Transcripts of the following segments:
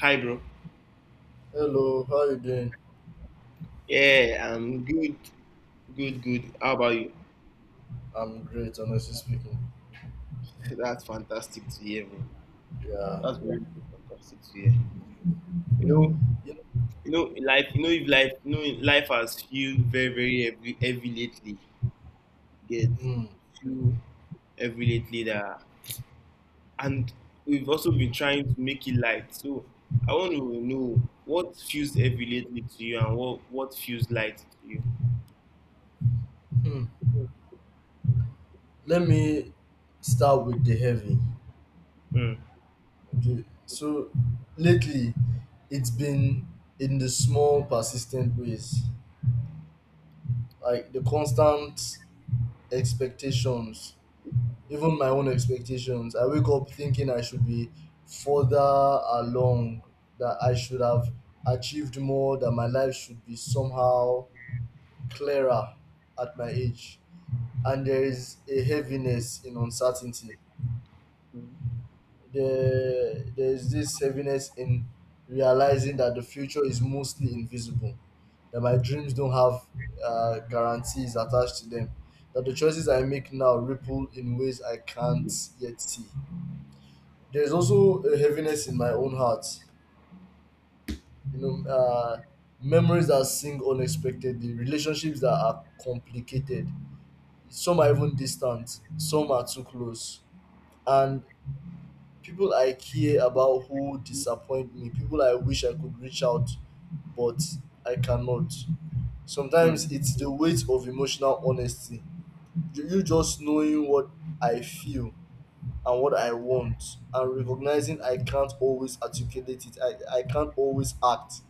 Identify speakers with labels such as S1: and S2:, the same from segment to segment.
S1: Hi, bro.
S2: Hello, how you doing?
S1: Yeah, I'm good, good, good. How about you?
S2: I'm great, honestly speaking.
S1: That's fantastic to hear, bro.
S2: Yeah.
S1: That's very very fantastic to hear. You know,
S2: You-
S1: in life. If life, life has feel very, very heavy, heavy lately. Get
S2: Hmm.
S1: feel heavy lately, that and we've also been trying to make it light. So I want to know what feels heavy lately to you, and what feels light to you.
S2: hmm. Let me start with the heavy.
S1: Mm.
S2: Okay. So lately, it's been in the small, persistent ways, like the constant expectations, even my own expectations. I wake up thinking I should be further along, that I should have achieved more, that my life should be somehow clearer at my age, and there is a heaviness in uncertainty. There is this heaviness in realizing that the future is mostly invisible, that my dreams don't have guarantees attached to them, that the choices I make now ripple in ways I can't yet see. There's also a heaviness in my own heart. You know, uh, Memories that sing unexpectedly, relationships that are complicated, some are even distant, some are too close. And people I care about who disappoint me, people I wish I could reach out, but I cannot.
S1: Mm.
S2: Sometimes it's the weight of emotional honesty. You just knowing what I feel and what I want and recognizing I can't always articulate it, I can't always act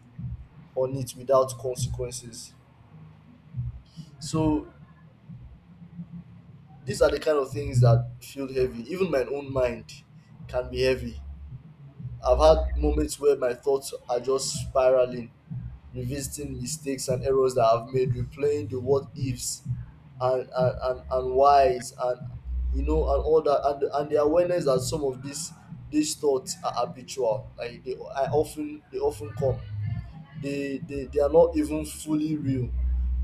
S2: on it without consequences. So these are the kind of things that feel heavy. Even my own mind can be heavy. I've had moments where my thoughts are just spiraling, revisiting mistakes and errors that I've made, replaying the what ifs and whys and you know and all that, and the awareness that some of these thoughts are habitual. They often come. They are not even fully real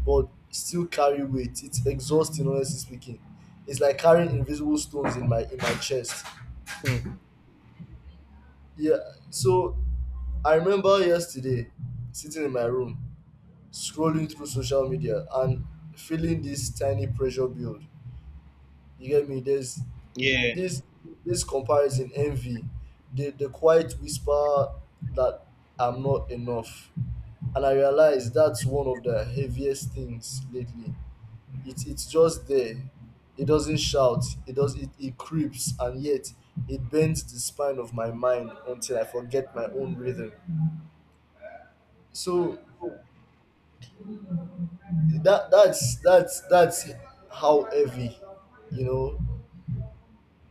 S2: but still carry weight. It's exhausting, honestly speaking. It's like carrying invisible stones in my chest.
S1: Mm.
S2: Yeah, so I remember yesterday sitting in my room scrolling through social media and feeling this tiny pressure build. You get me? There's
S1: Yeah.
S2: this this comparison envy, the quiet whisper that I'm not enough. And I realized that's one of the heaviest things lately. It's just there. It doesn't shout. It does. It creeps, and yet it bends the spine of my mind until I forget my own rhythm. So that's how heavy, you know.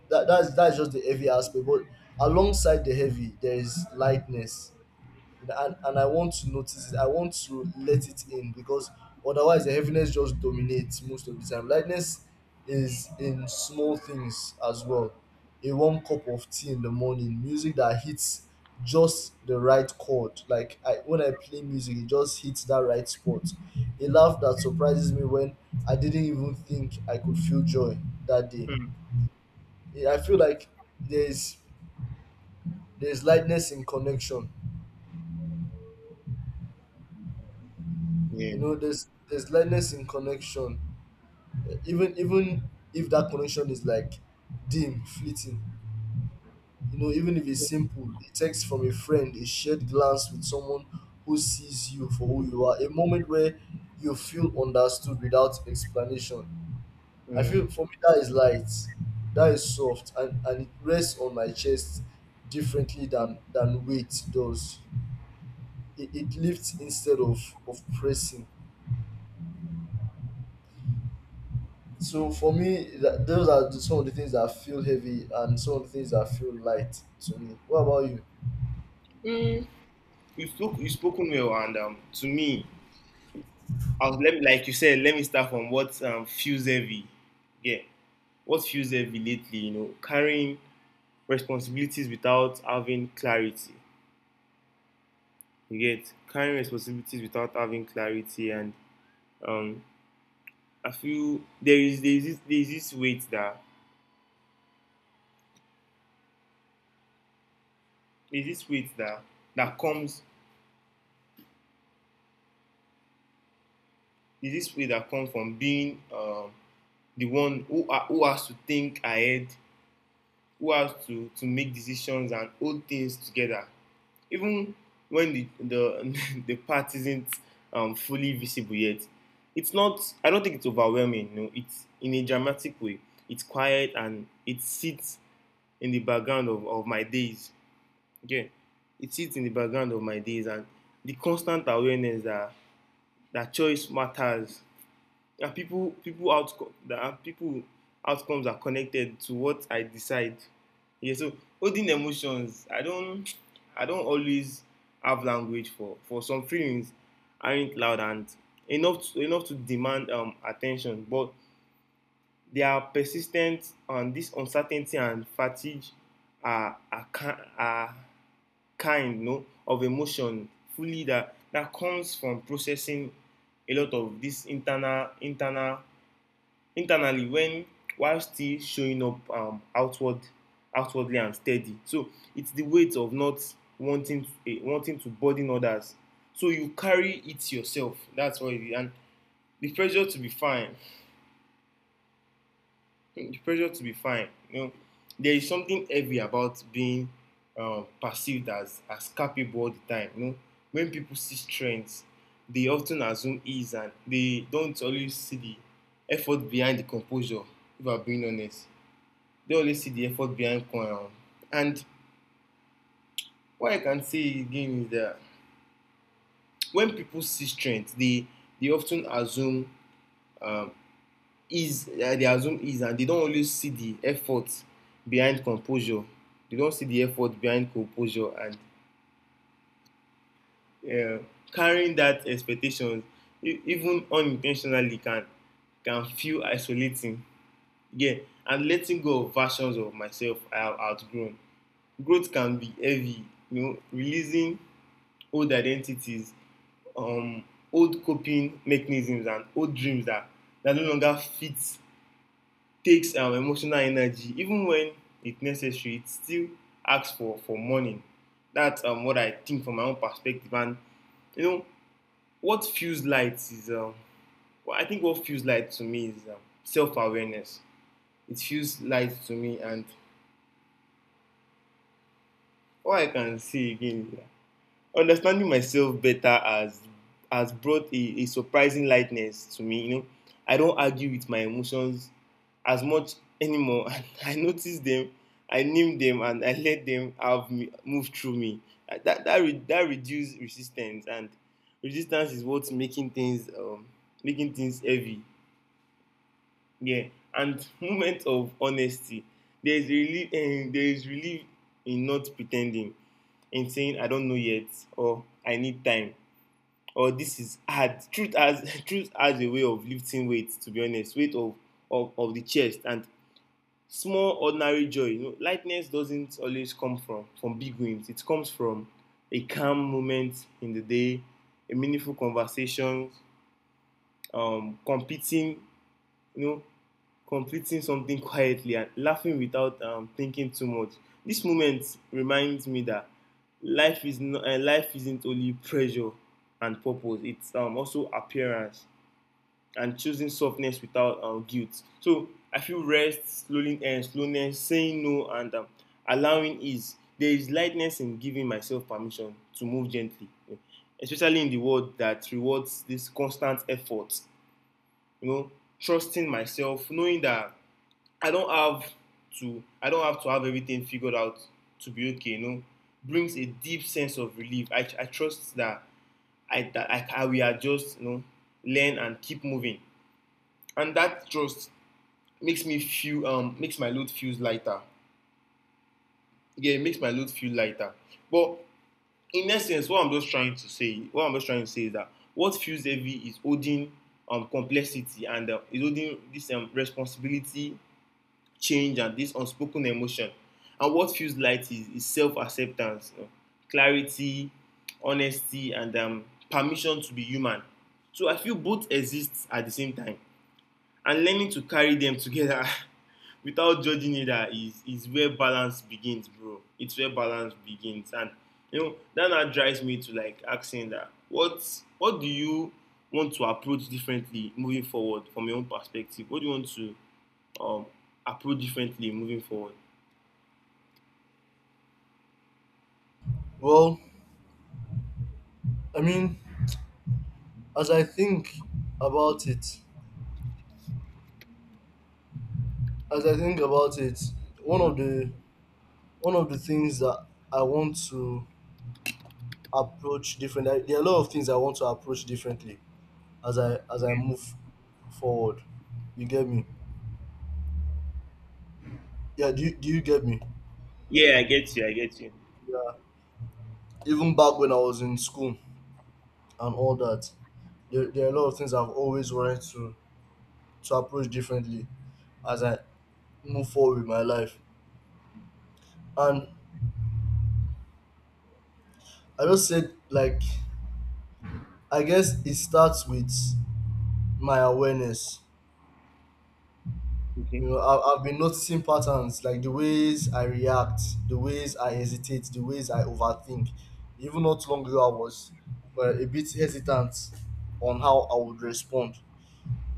S2: That's just the heavy aspect. But alongside the heavy, there is lightness. And I want to notice it. I want to let it in because otherwise the heaviness just dominates most of the time. Lightness is in small things as well. A warm cup of tea in the morning, music that hits just the right chord. Like when I play music, it just hits that right spot. A laugh that surprises me when I didn't even think I could feel joy that day.
S1: Mm.
S2: I feel like there's there's lightness in connection, you
S1: Yeah.
S2: know, there's lightness in connection. Even if that connection is like dim, fleeting, you know, even if it's simple, a text from a friend, a shared glance with someone who sees you for who you are, a moment where you feel understood without explanation. I
S1: Hmm.
S2: feel for me that is light, that is soft, and it rests on my chest differently than weight does. It lifts instead of pressing. So for me, those are some of the things that feel heavy and some of the things that feel light to me. What about you?
S1: You spoken well and to me. I was, let me, Like you said, let me start from what, feels heavy. Yeah. What feels heavy lately, carrying responsibilities without having clarity. You get, carrying responsibilities without having clarity. And um, I feel there is this, there is this weight that, there is this weight that, that comes, there is this weight that comes from being, the one who has to think ahead, who has to make decisions and hold things together, even when the the part isn't, fully visible yet. It's not. I don't think it's overwhelming. No, it's in a dramatic way. It's quiet, and it sits in the background of my days. Okay, it sits in the background of my days, and the constant awareness that, that choice matters. There, people— people outcome— that people, outcomes are connected to what I decide. Yeah, so holding emotions, I don't always have language for some feelings aren't loud and enough to, enough to demand attention, but they are persistent. And this uncertainty and fatigue are are, are kind, of emotion fully, that comes from processing a lot of this internally, when while still showing up, outwardly and steady. So it's the weight of not wanting to burden others, so you carry it yourself. That's what it is. And the pressure to be fine the pressure to be fine, you know, there is something heavy about being, perceived as capable all the time. You know, when people see strength, they often assume ease, and they don't always see the effort behind the composure, if I'm being honest. They always see the effort behind coin. And what I can say again is that when people see strength, they often assume, um, ease. They assume ease, and they don't always see the effort behind composure. They don't see the effort behind composure, and uh, carrying that expectation, even unintentionally, can feel isolating. Yeah, and letting go of versions of myself I have outgrown. Growth can be heavy, you know, releasing old identities, um, old coping mechanisms, and old dreams that, that no longer fit, takes emotional energy. Even when it's necessary, it still asks for mourning. That's, what I think from my own perspective. And, you know, what feels light is, well, I think what feels light to me is, self awareness. It feels light to me, and all I can say again is that understanding myself better has brought a surprising lightness to me. You know, I don't argue with my emotions as much anymore. I notice them, I name them, and I let them have me, move through me. That that reduces resistance. And resistance is what's making things, heavy. Yeah, and moment of honesty. There is relief. There is relief in not pretending, in saying I don't know yet, or I need time, or this is hard. Truth has— truth has a way of lifting weight, to be honest, weight of the chest. And small ordinary joy, you know, lightness doesn't always come from big wins. It comes from a calm moment in the day, a meaningful conversation, competing you know completing something quietly, and laughing without thinking too much. This moment reminds me that life is not life isn't only pressure and purpose. It's also appearance, and choosing softness without, guilt. So I feel rest, slowing and slowness, saying no, and, allowing ease. There is lightness in giving myself permission to move gently, you know, especially in the world that rewards this constant effort. You know, trusting myself, knowing that I don't have I don't have to have everything figured out to be okay. You know, brings a deep sense of relief. I trust that I will adjust, you know, learn and keep moving, and that trust makes my load feels lighter. Yeah, it makes my load feel lighter. But in essence, what I'm just trying to say is that what feels heavy is holding complexity, and is holding this responsibility, change, and this unspoken emotion. And what feels light is self-acceptance, you know, clarity, honesty, and, permission to be human. So I feel both exist at the same time, and learning to carry them together without judging either is where balance begins, bro. It's where balance begins. And you know that now drives me to like asking that, what do you want to approach differently moving forward? From your own perspective, what do you want to, um approach differently moving forward?
S2: Well, I mean, as I think about it, as I think about it, one
S1: Mm-hmm.
S2: of the one of the things that I want to approach differently. There are a lot of things I want to approach differently as I move forward. You get me? Yeah. Do you get me?
S1: Yeah, I get you, I get you.
S2: Yeah. Even back when I was in school, and all that. There are a lot of things I've always wanted to approach differently as I move forward with my life. And I just said, like, I guess it starts with my awareness.
S1: Okay.
S2: You know, I've been noticing patterns like the ways I react, the ways I hesitate, the ways I overthink. Even not long ago, I was a bit hesitant on how I would respond,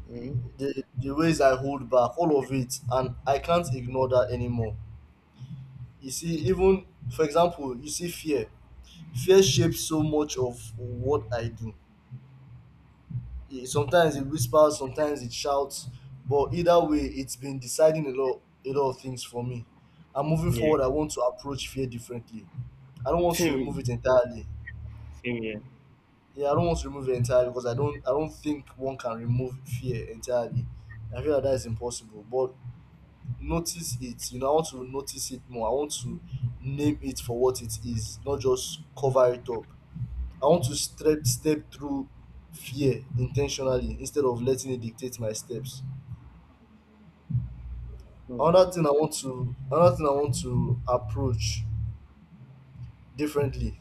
S1: Mm-hmm.
S2: the ways I hold back, all of it, and I can't ignore that anymore. You see, even for example, you see fear shapes so much of what I do. Sometimes it whispers, sometimes it shouts, but either way it's been deciding a lot of things for me. I'm moving
S1: Yeah.
S2: forward, I want to approach fear differently. I don't want to
S1: Same,
S2: remove it entirely.
S1: same here.
S2: Yeah, I don't want to remove it entirely because I don't think one can remove fear entirely. I feel like that is impossible, but notice it. You know, I want to notice it more. I want to name it for what it is, not just cover it up. I want to step through fear intentionally instead of letting it dictate my steps.
S1: Mm.
S2: Another thing I want to approach differently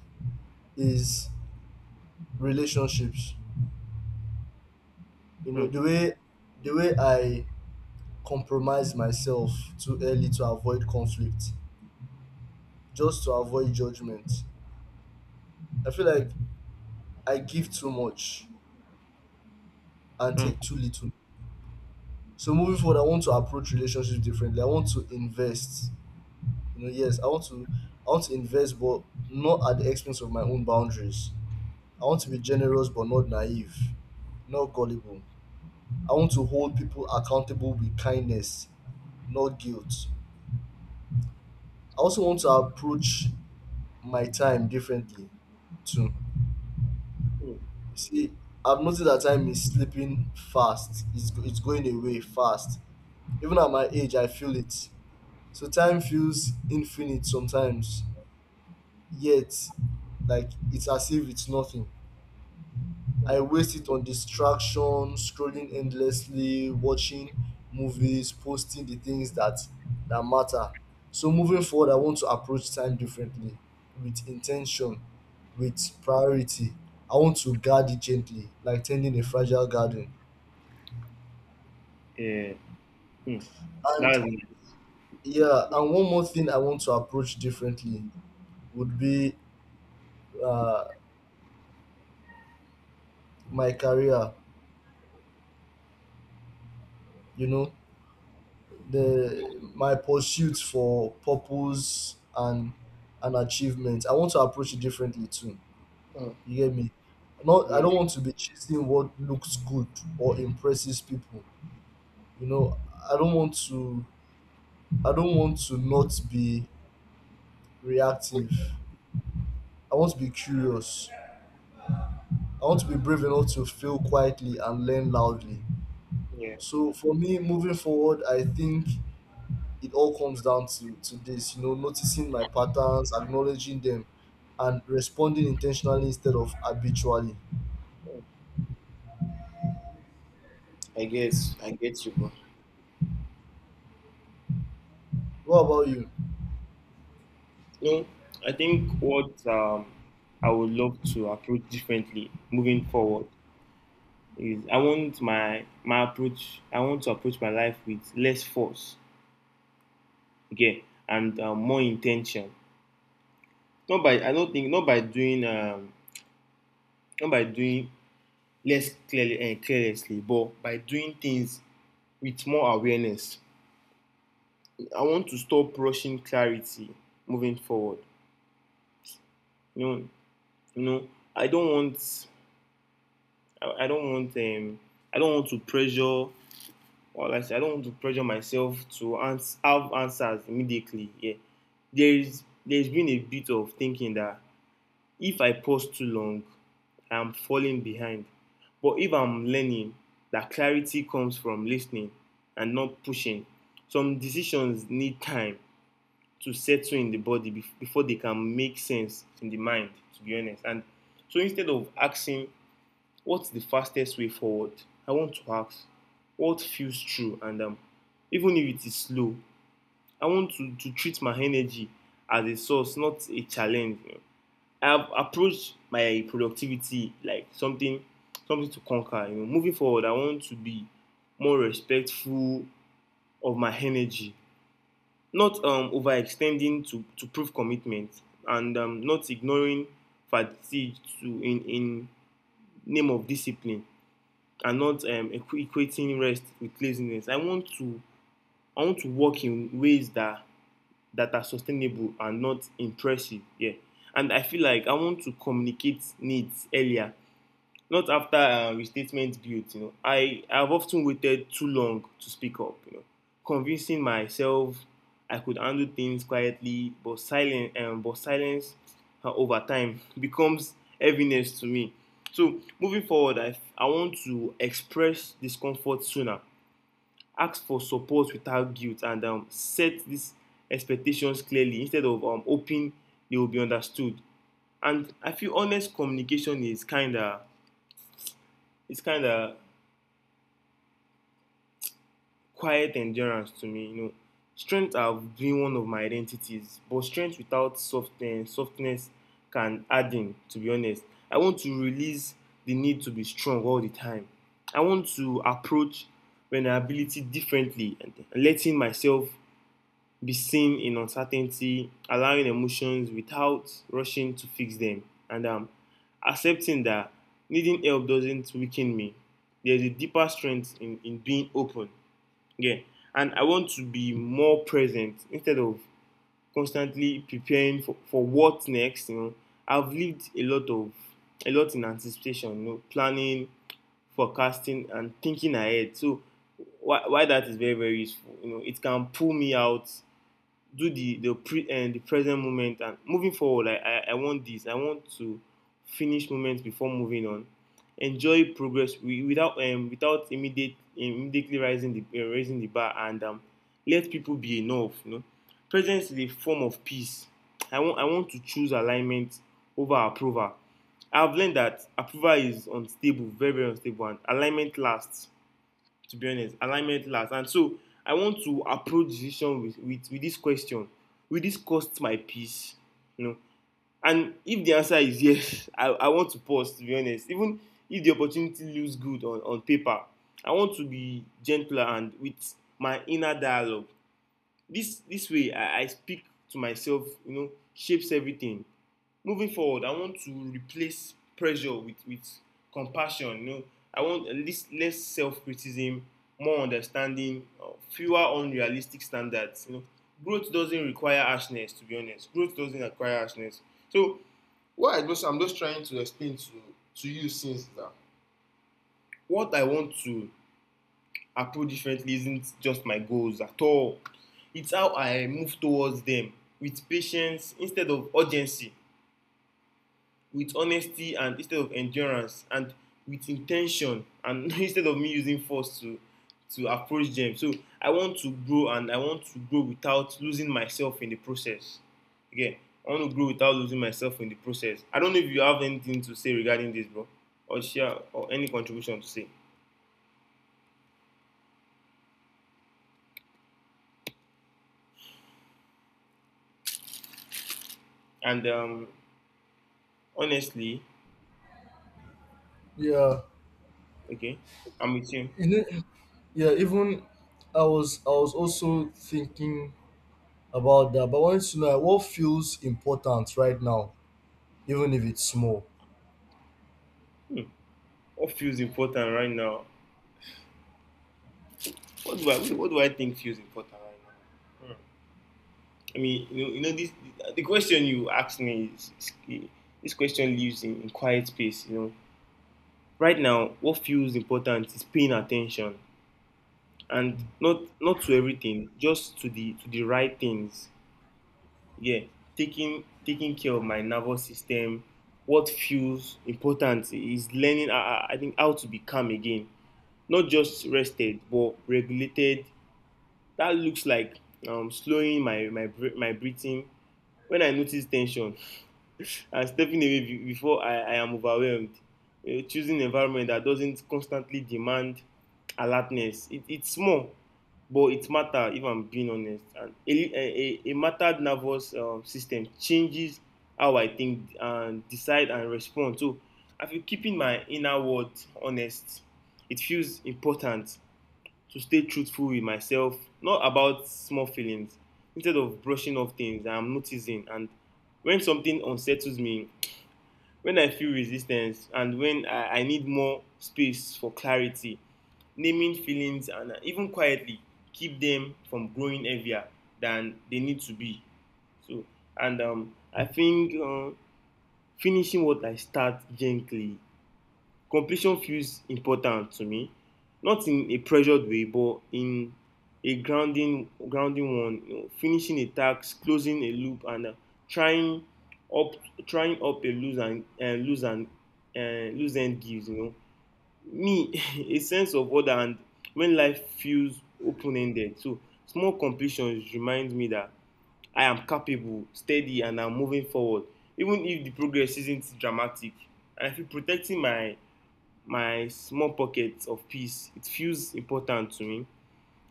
S2: is relationships. You know,
S1: Mm,
S2: the way I compromise myself too early to avoid conflict, just to avoid judgment. I feel like I give too much and take too little. So moving forward, I want to approach relationships differently. I want to invest. You know, yes, I want to invest, but not at the expense of my own boundaries. I want to be generous but not naive, not gullible. I want to hold people accountable with kindness, not guilt. I also want to approach my time differently too.
S1: mm.
S2: See, I've noticed that time is slipping fast. It's going away fast. Even at my age, I feel it. So time feels infinite sometimes, yet like it's as if it's nothing. I waste it on distraction, scrolling endlessly, watching movies, posting the things that matter. So moving forward, I want to approach time differently, with intention, with priority. I want to guard it gently, like tending a fragile garden.
S1: Yeah. Mm.
S2: And
S1: That's—
S2: yeah, and one more thing I want to approach differently would be uh, my career. You know, the my pursuit for purpose and achievement, I want to approach it differently too.
S1: Mm.
S2: You get me? Not I
S1: Yeah.
S2: don't want to be chasing what looks good or impresses people. You know, i don't want to I don't want to not be reactive. I want to be curious. I want to be brave enough to fail quietly and learn loudly.
S1: Yeah.
S2: So for me, moving forward, I think it all comes down to this. You know, noticing my patterns, acknowledging them, and responding intentionally instead of habitually.
S1: I guess I get you, bro.
S2: What about you?
S1: No, I think what, I would love to approach differently moving forward is I want my approach. I want to approach my life with less force, okay, and, more intention. Not by I don't think, not by doing less clearly and carelessly, but by doing things with more awareness. I want to stop rushing clarity moving forward. You know, you know, I don't want, I don't want, I don't want to pressure, or like I said, I don't want to pressure myself to have answers immediately. Yeah, there's been a bit of thinking that if I pause too long, I'm falling behind. But if I'm learning that clarity comes from listening and not pushing, some decisions need time to settle in the body before they can make sense in the mind, to be honest. And so instead of asking what's the fastest way forward, I want to ask what feels true, and, even if it is slow, I want to treat my energy as a source, not a challenge. You know, I've approached my productivity like something to conquer. You know, moving forward, I want to be more respectful of my energy, not, overextending to prove commitment, and, not ignoring fatigue to in name of discipline, and not, equating rest with laziness. I want to work in ways that are sustainable and not impressive. Yeah, and I feel like I want to communicate needs earlier, not after, restatement guilt. You know, I have often waited too long to speak up. You know, convincing myself I could handle things quietly, but silence, over time becomes heaviness to me. So moving forward, I want to express discomfort sooner, ask for support without guilt, and, set these expectations clearly instead of, hoping they will be understood. And I feel honest communication is kinda, it's kinda quiet endurance to me. You know, strength have been one of my identities, but strength without softness, softness can add in. To be honest, I want to release the need to be strong all the time. I want to approach vulnerability differently, and letting myself be seen in uncertainty, allowing emotions without rushing to fix them, and, accepting that needing help doesn't weaken me. There's a deeper strength in being open. Yeah. And I want to be more present instead of constantly preparing for what next, you know. I've lived a lot in anticipation, you know, planning, forecasting, and thinking ahead. So why that is very useful, you know, it can pull me out do the pre and the present moment and moving forward. Like I want to finish moments before moving on, enjoy progress without without immediate immediately rising, the raising the bar, and let people be enough, you know. Presence is a form of peace. I want to choose alignment over approval. I've learned that approval is unstable, very unstable, and alignment lasts. To be honest, alignment last. And so I want to approach decision with this question: will this cost my peace, you know? And if the answer is yes, I want to pause, to be honest, even if the opportunity looks good on paper. I want to be gentler and with my inner dialogue. This way I speak to myself, you know, shapes everything. Moving forward, I want to replace pressure with compassion, you know. I want at least less self-criticism, more understanding, fewer unrealistic standards, you know. Growth doesn't require harshness. To be honest, growth doesn't require harshness. So I'm just trying to explain to you since that, what I want to approach differently isn't just my goals at all. It's how I move towards them with patience instead of urgency, with honesty and instead of endurance, and with intention and instead of me using force to approach them. So I want to grow, and I want to grow without losing myself in the process. Again, I want to grow without losing myself in the process. I don't know if you have anything to say regarding this, bro, or share, or any contribution to say. And honestly.
S2: Yeah.
S1: Okay, I'm with you.
S2: You know, yeah, even I was also thinking about that, but I wanted to know what feels important right now, even if it's small.
S1: hmm, what feels important right now? What do I think feels important right now? Hmm. I mean, you know, this. The question you asked me is, this question lives in, quiet space. You know, right now, what feels important is paying attention, and not to everything, just to the right things. Yeah, taking care of my nervous system. What feels important is learning. I think how to be calm again, not just rested but regulated. That looks like slowing my breathing when I notice tension. And stepping away before I am overwhelmed. Choosing an environment that doesn't constantly demand alertness. It's small, but it matters, if I'm being honest. And a mattered nervous system changes how I think and decide and respond. So I feel keeping my inner world honest, it feels important to stay truthful with myself, not about small feelings. Instead of brushing off things, I'm noticing. And when something unsettles me, when I feel resistance, and when I need more space for clarity, naming feelings, and even quietly, keep them from growing heavier than they need to be. So, and I think finishing what I start gently. Completion feels important to me, not in a pressured way, but in a grounding one. You know, finishing a task, closing a loop, and trying up, trying up a loose end gives, you know, me a sense of order, and when life feels open ended. So small completions remind me that I am capable, steady, and I'm moving forward, even if the progress isn't dramatic. And I feel protecting my small pockets of peace, it feels important to me.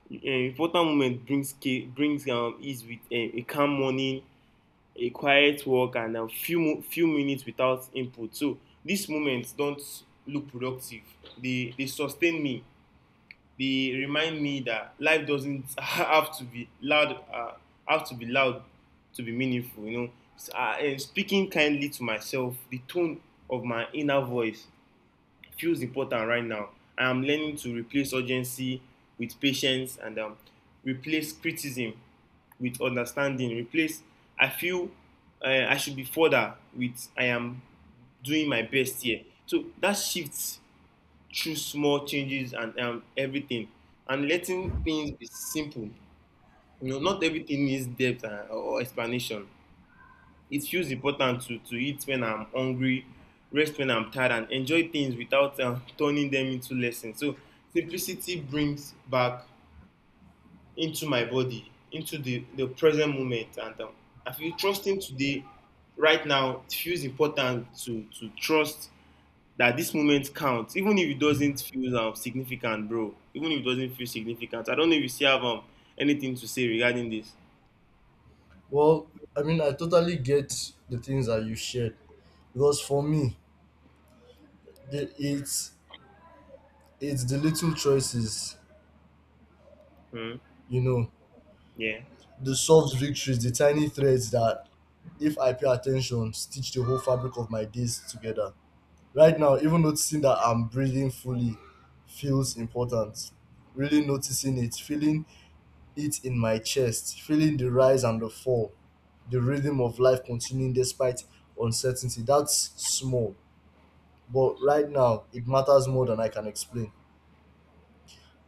S1: An important moment brings ease, with a calm morning, a quiet walk, and a few minutes without input. So these moments don't look productive. They sustain me. They remind me that life doesn't have to be loud. Uh, have to be loud to be meaningful. You know, and speaking kindly to myself, the tone of my inner voice feels important right now. I am learning to replace urgency with patience, and replace criticism with understanding. Replace, I feel I should be further with I am doing my best here. So that shifts through small changes, and everything, and letting things be simple. You know, not everything needs depth or explanation. It feels important to eat when I'm hungry, rest when I'm tired, and enjoy things without turning them into lessons. So simplicity brings back into my body, into the present moment. And I feel trusting today, right now. It feels important to trust that this moment counts, even if it doesn't feel significant, bro. Even if it doesn't feel significant. I don't know if you still have anything to say regarding this.
S2: Well, I mean, I totally get the things that you shared, because for me, it's the little choices,
S1: Hmm.
S2: you know.
S1: Yeah.
S2: The soft victories, the tiny threads that, if I pay attention, stitch the whole fabric of my days together.
S1: Hmm.
S2: Right now, even noticing that I'm breathing fully feels important. Really noticing it, feeling it in my chest, feeling the rise and the fall, the rhythm of life continuing despite uncertainty. That's small, but right now, it matters more than I can explain.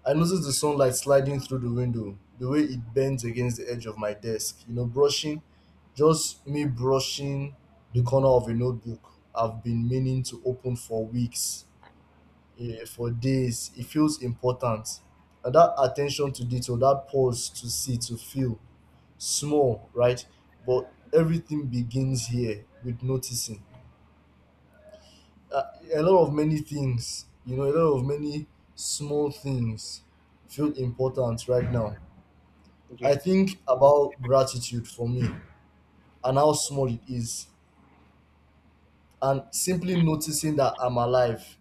S2: I noticed the sunlight sliding through the window, the way it bends against the edge of my desk, you know, just me brushing the corner of a notebook I've been meaning to open for weeks, for days. It feels important. And that attention to detail, that pause to see, to feel small, right? But everything begins here with noticing. Uh, a lot of many things, you know, a lot of many small things feel important right now. I
S1: Okay.
S2: think about gratitude for me and how small it is, and simply noticing that I'm alive,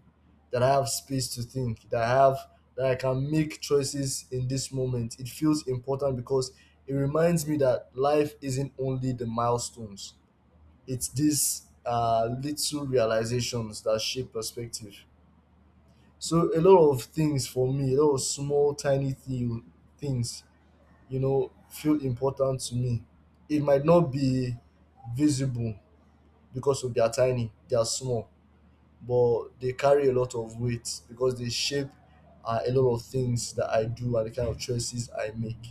S2: that I have space to think, that I can make choices in this moment. It feels important because it reminds me that life isn't only the milestones; it's these little realizations that shape perspective. So a lot of things for me, a lot of small, tiny things, you know, feel important to me. It might not be visible because of they are tiny, they are small, but they carry a lot of weight because they shape a lot of things that I do and the kind of choices I make.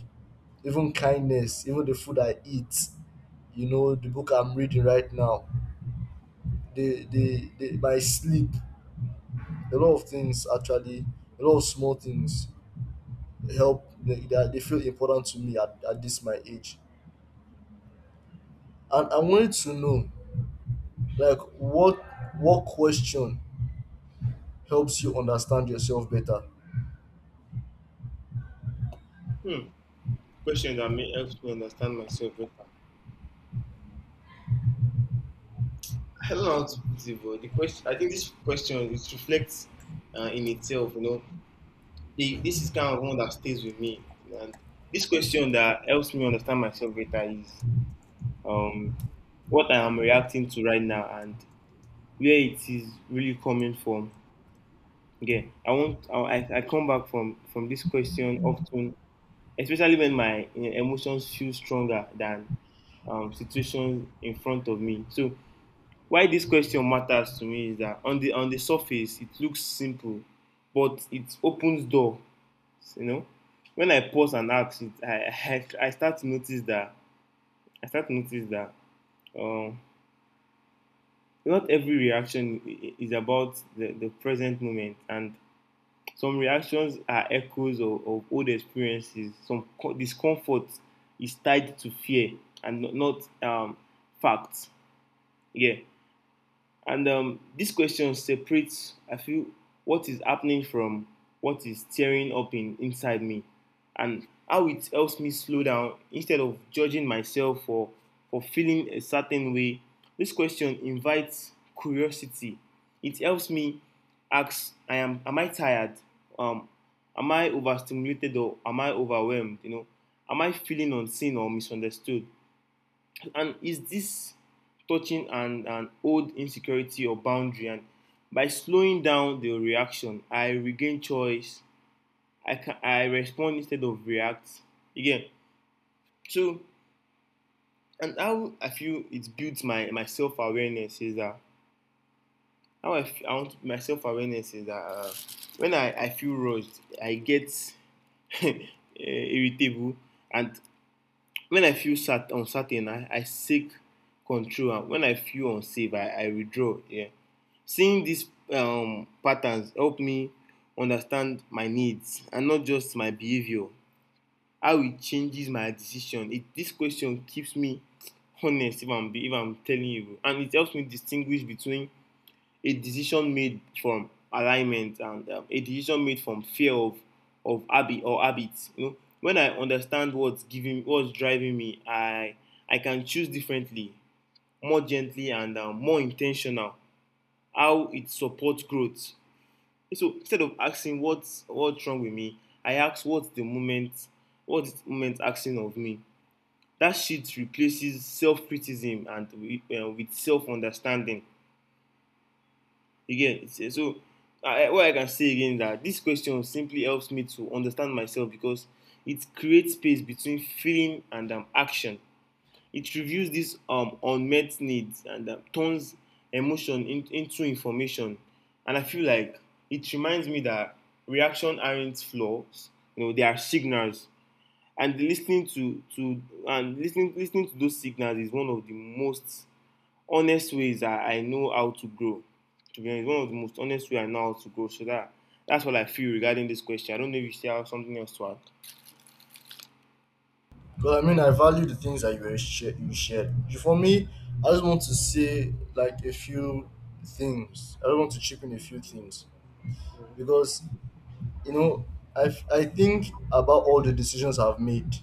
S2: Even kindness, even the food I eat, you know, the book I'm reading right now, they, my sleep, a lot of things actually, a lot of small things help. They feel important to me at this my age. And I wanted to know, like, what question helps you understand yourself better?
S1: Hmm. Question that may help me understand myself better. I don't know how to put it, but the question, I think this question it reflects in itself. You know, this is kind of one that stays with me. And this question that helps me understand myself better is um, what I am reacting to right now and where it is really coming from. Again, I want I come back from this question often, especially when my emotions feel stronger than situations in front of me. So why this question matters to me is that on the surface it looks simple, but it opens door. You know, when I pause and ask, it, I start to notice that I start to notice that um, not every reaction is about the present moment, and some reactions are echoes of old experiences. Some discomfort is tied to fear and not facts. Yeah. And this question separates, I feel, what is happening from what is tearing up in inside me, and how it helps me slow down instead of judging myself for feeling a certain way. This question invites curiosity. It helps me ask, am I tired? Um, am I overstimulated, or am I overwhelmed? You know, am I feeling unseen or misunderstood? And is this touching an old insecurity or boundary? And by slowing down the reaction, I regain choice. I respond instead of react again. So and how I feel it builds my self awareness is that how I, f- I want my self awareness is that when I feel rushed, I get irritable, and when I feel uncertain, I seek control, and when I feel unsafe, I withdraw. Yeah, seeing these patterns help me understand my needs and not just my behavior. How it changes my decision. This question keeps me honest, if I'm telling you, and it helps me distinguish between a decision made from alignment and a decision made from fear of habit or habits. You know, when I understand what's driving me, I can choose differently, more gently, and more intentional. How it supports growth. So instead of asking what's wrong with me, I ask what's the moment, what's the moment asking of me. That shit replaces self-criticism and with self-understanding again. So I, what I can say again, that this question simply helps me to understand myself, because it creates space between feeling and action. It reviews these unmet needs and turns emotion into information. And I feel like it reminds me that reaction aren't flaws, you know, they are signals. And listening to and listening listening to those signals is one of the most honest ways that I know how to grow. To be honest, one of the most honest ways I know how to grow. So that's what I feel regarding this question. I don't know if you still have something else to add.
S2: Because I mean, I value the things that you shared. For me, I just want to say, like, a few things. I just want to chip in a few things because, you know, I think about all the decisions I've made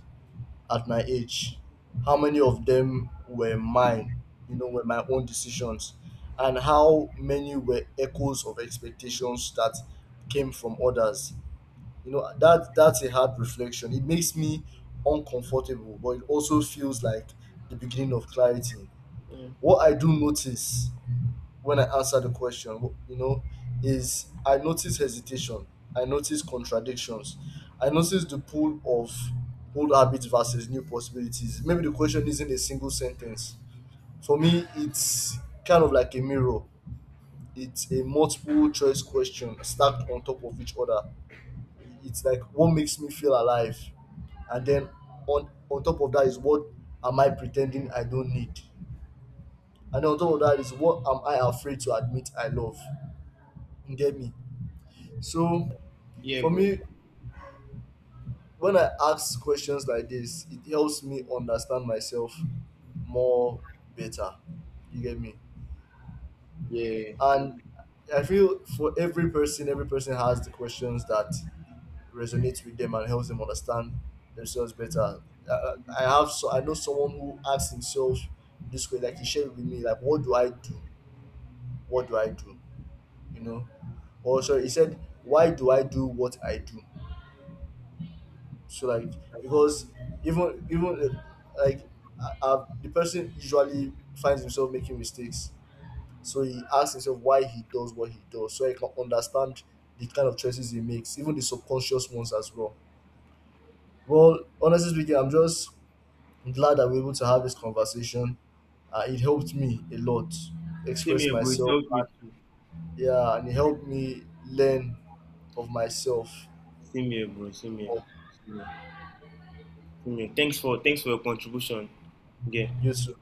S2: at my age. How many of them were mine? You know, were my own decisions, and how many were echoes of expectations that came from others? You know, that that's a hard reflection. It makes me uncomfortable, but it also feels like the beginning of clarity.
S1: Mm.
S2: What I do notice when I answer the question, you know, is I notice hesitation. I notice contradictions. I notice the pull of old habits versus new possibilities. Maybe the question isn't a single sentence. For me, it's kind of like a mirror. It's a multiple choice question stacked on top of each other. It's like what makes me feel alive, and then on top of that is what am I pretending I don't need, and then on top of that is what am I afraid to admit I love. You get me? So
S1: Yeah,
S2: for
S1: bro.
S2: me, when I ask questions like this, it helps me understand myself more, better. You get me?
S1: Yeah.
S2: And I feel for every person, every person has the questions that resonates with them and helps them understand themselves better. I, I have, so I know someone who asks himself this way, like he shared with me, like, what do I do? What do I do? You know? Or sorry, he said, why do I do what I do? So like, because even even like the person usually finds himself making mistakes, so he asks himself why he does what he does, so he can understand the kind of choices he makes, even the subconscious ones as well. Well, honestly speaking, I'm glad that we're able to have this conversation. It helped me a lot
S1: Same
S2: express
S1: here, bro. It
S2: myself.
S1: helped me.
S2: And, yeah, and it helped me learn of myself.
S1: Same here, bro. Same here.
S2: Oh,
S1: Same here. Same here. Thanks for your contribution. Yeah.
S2: you too.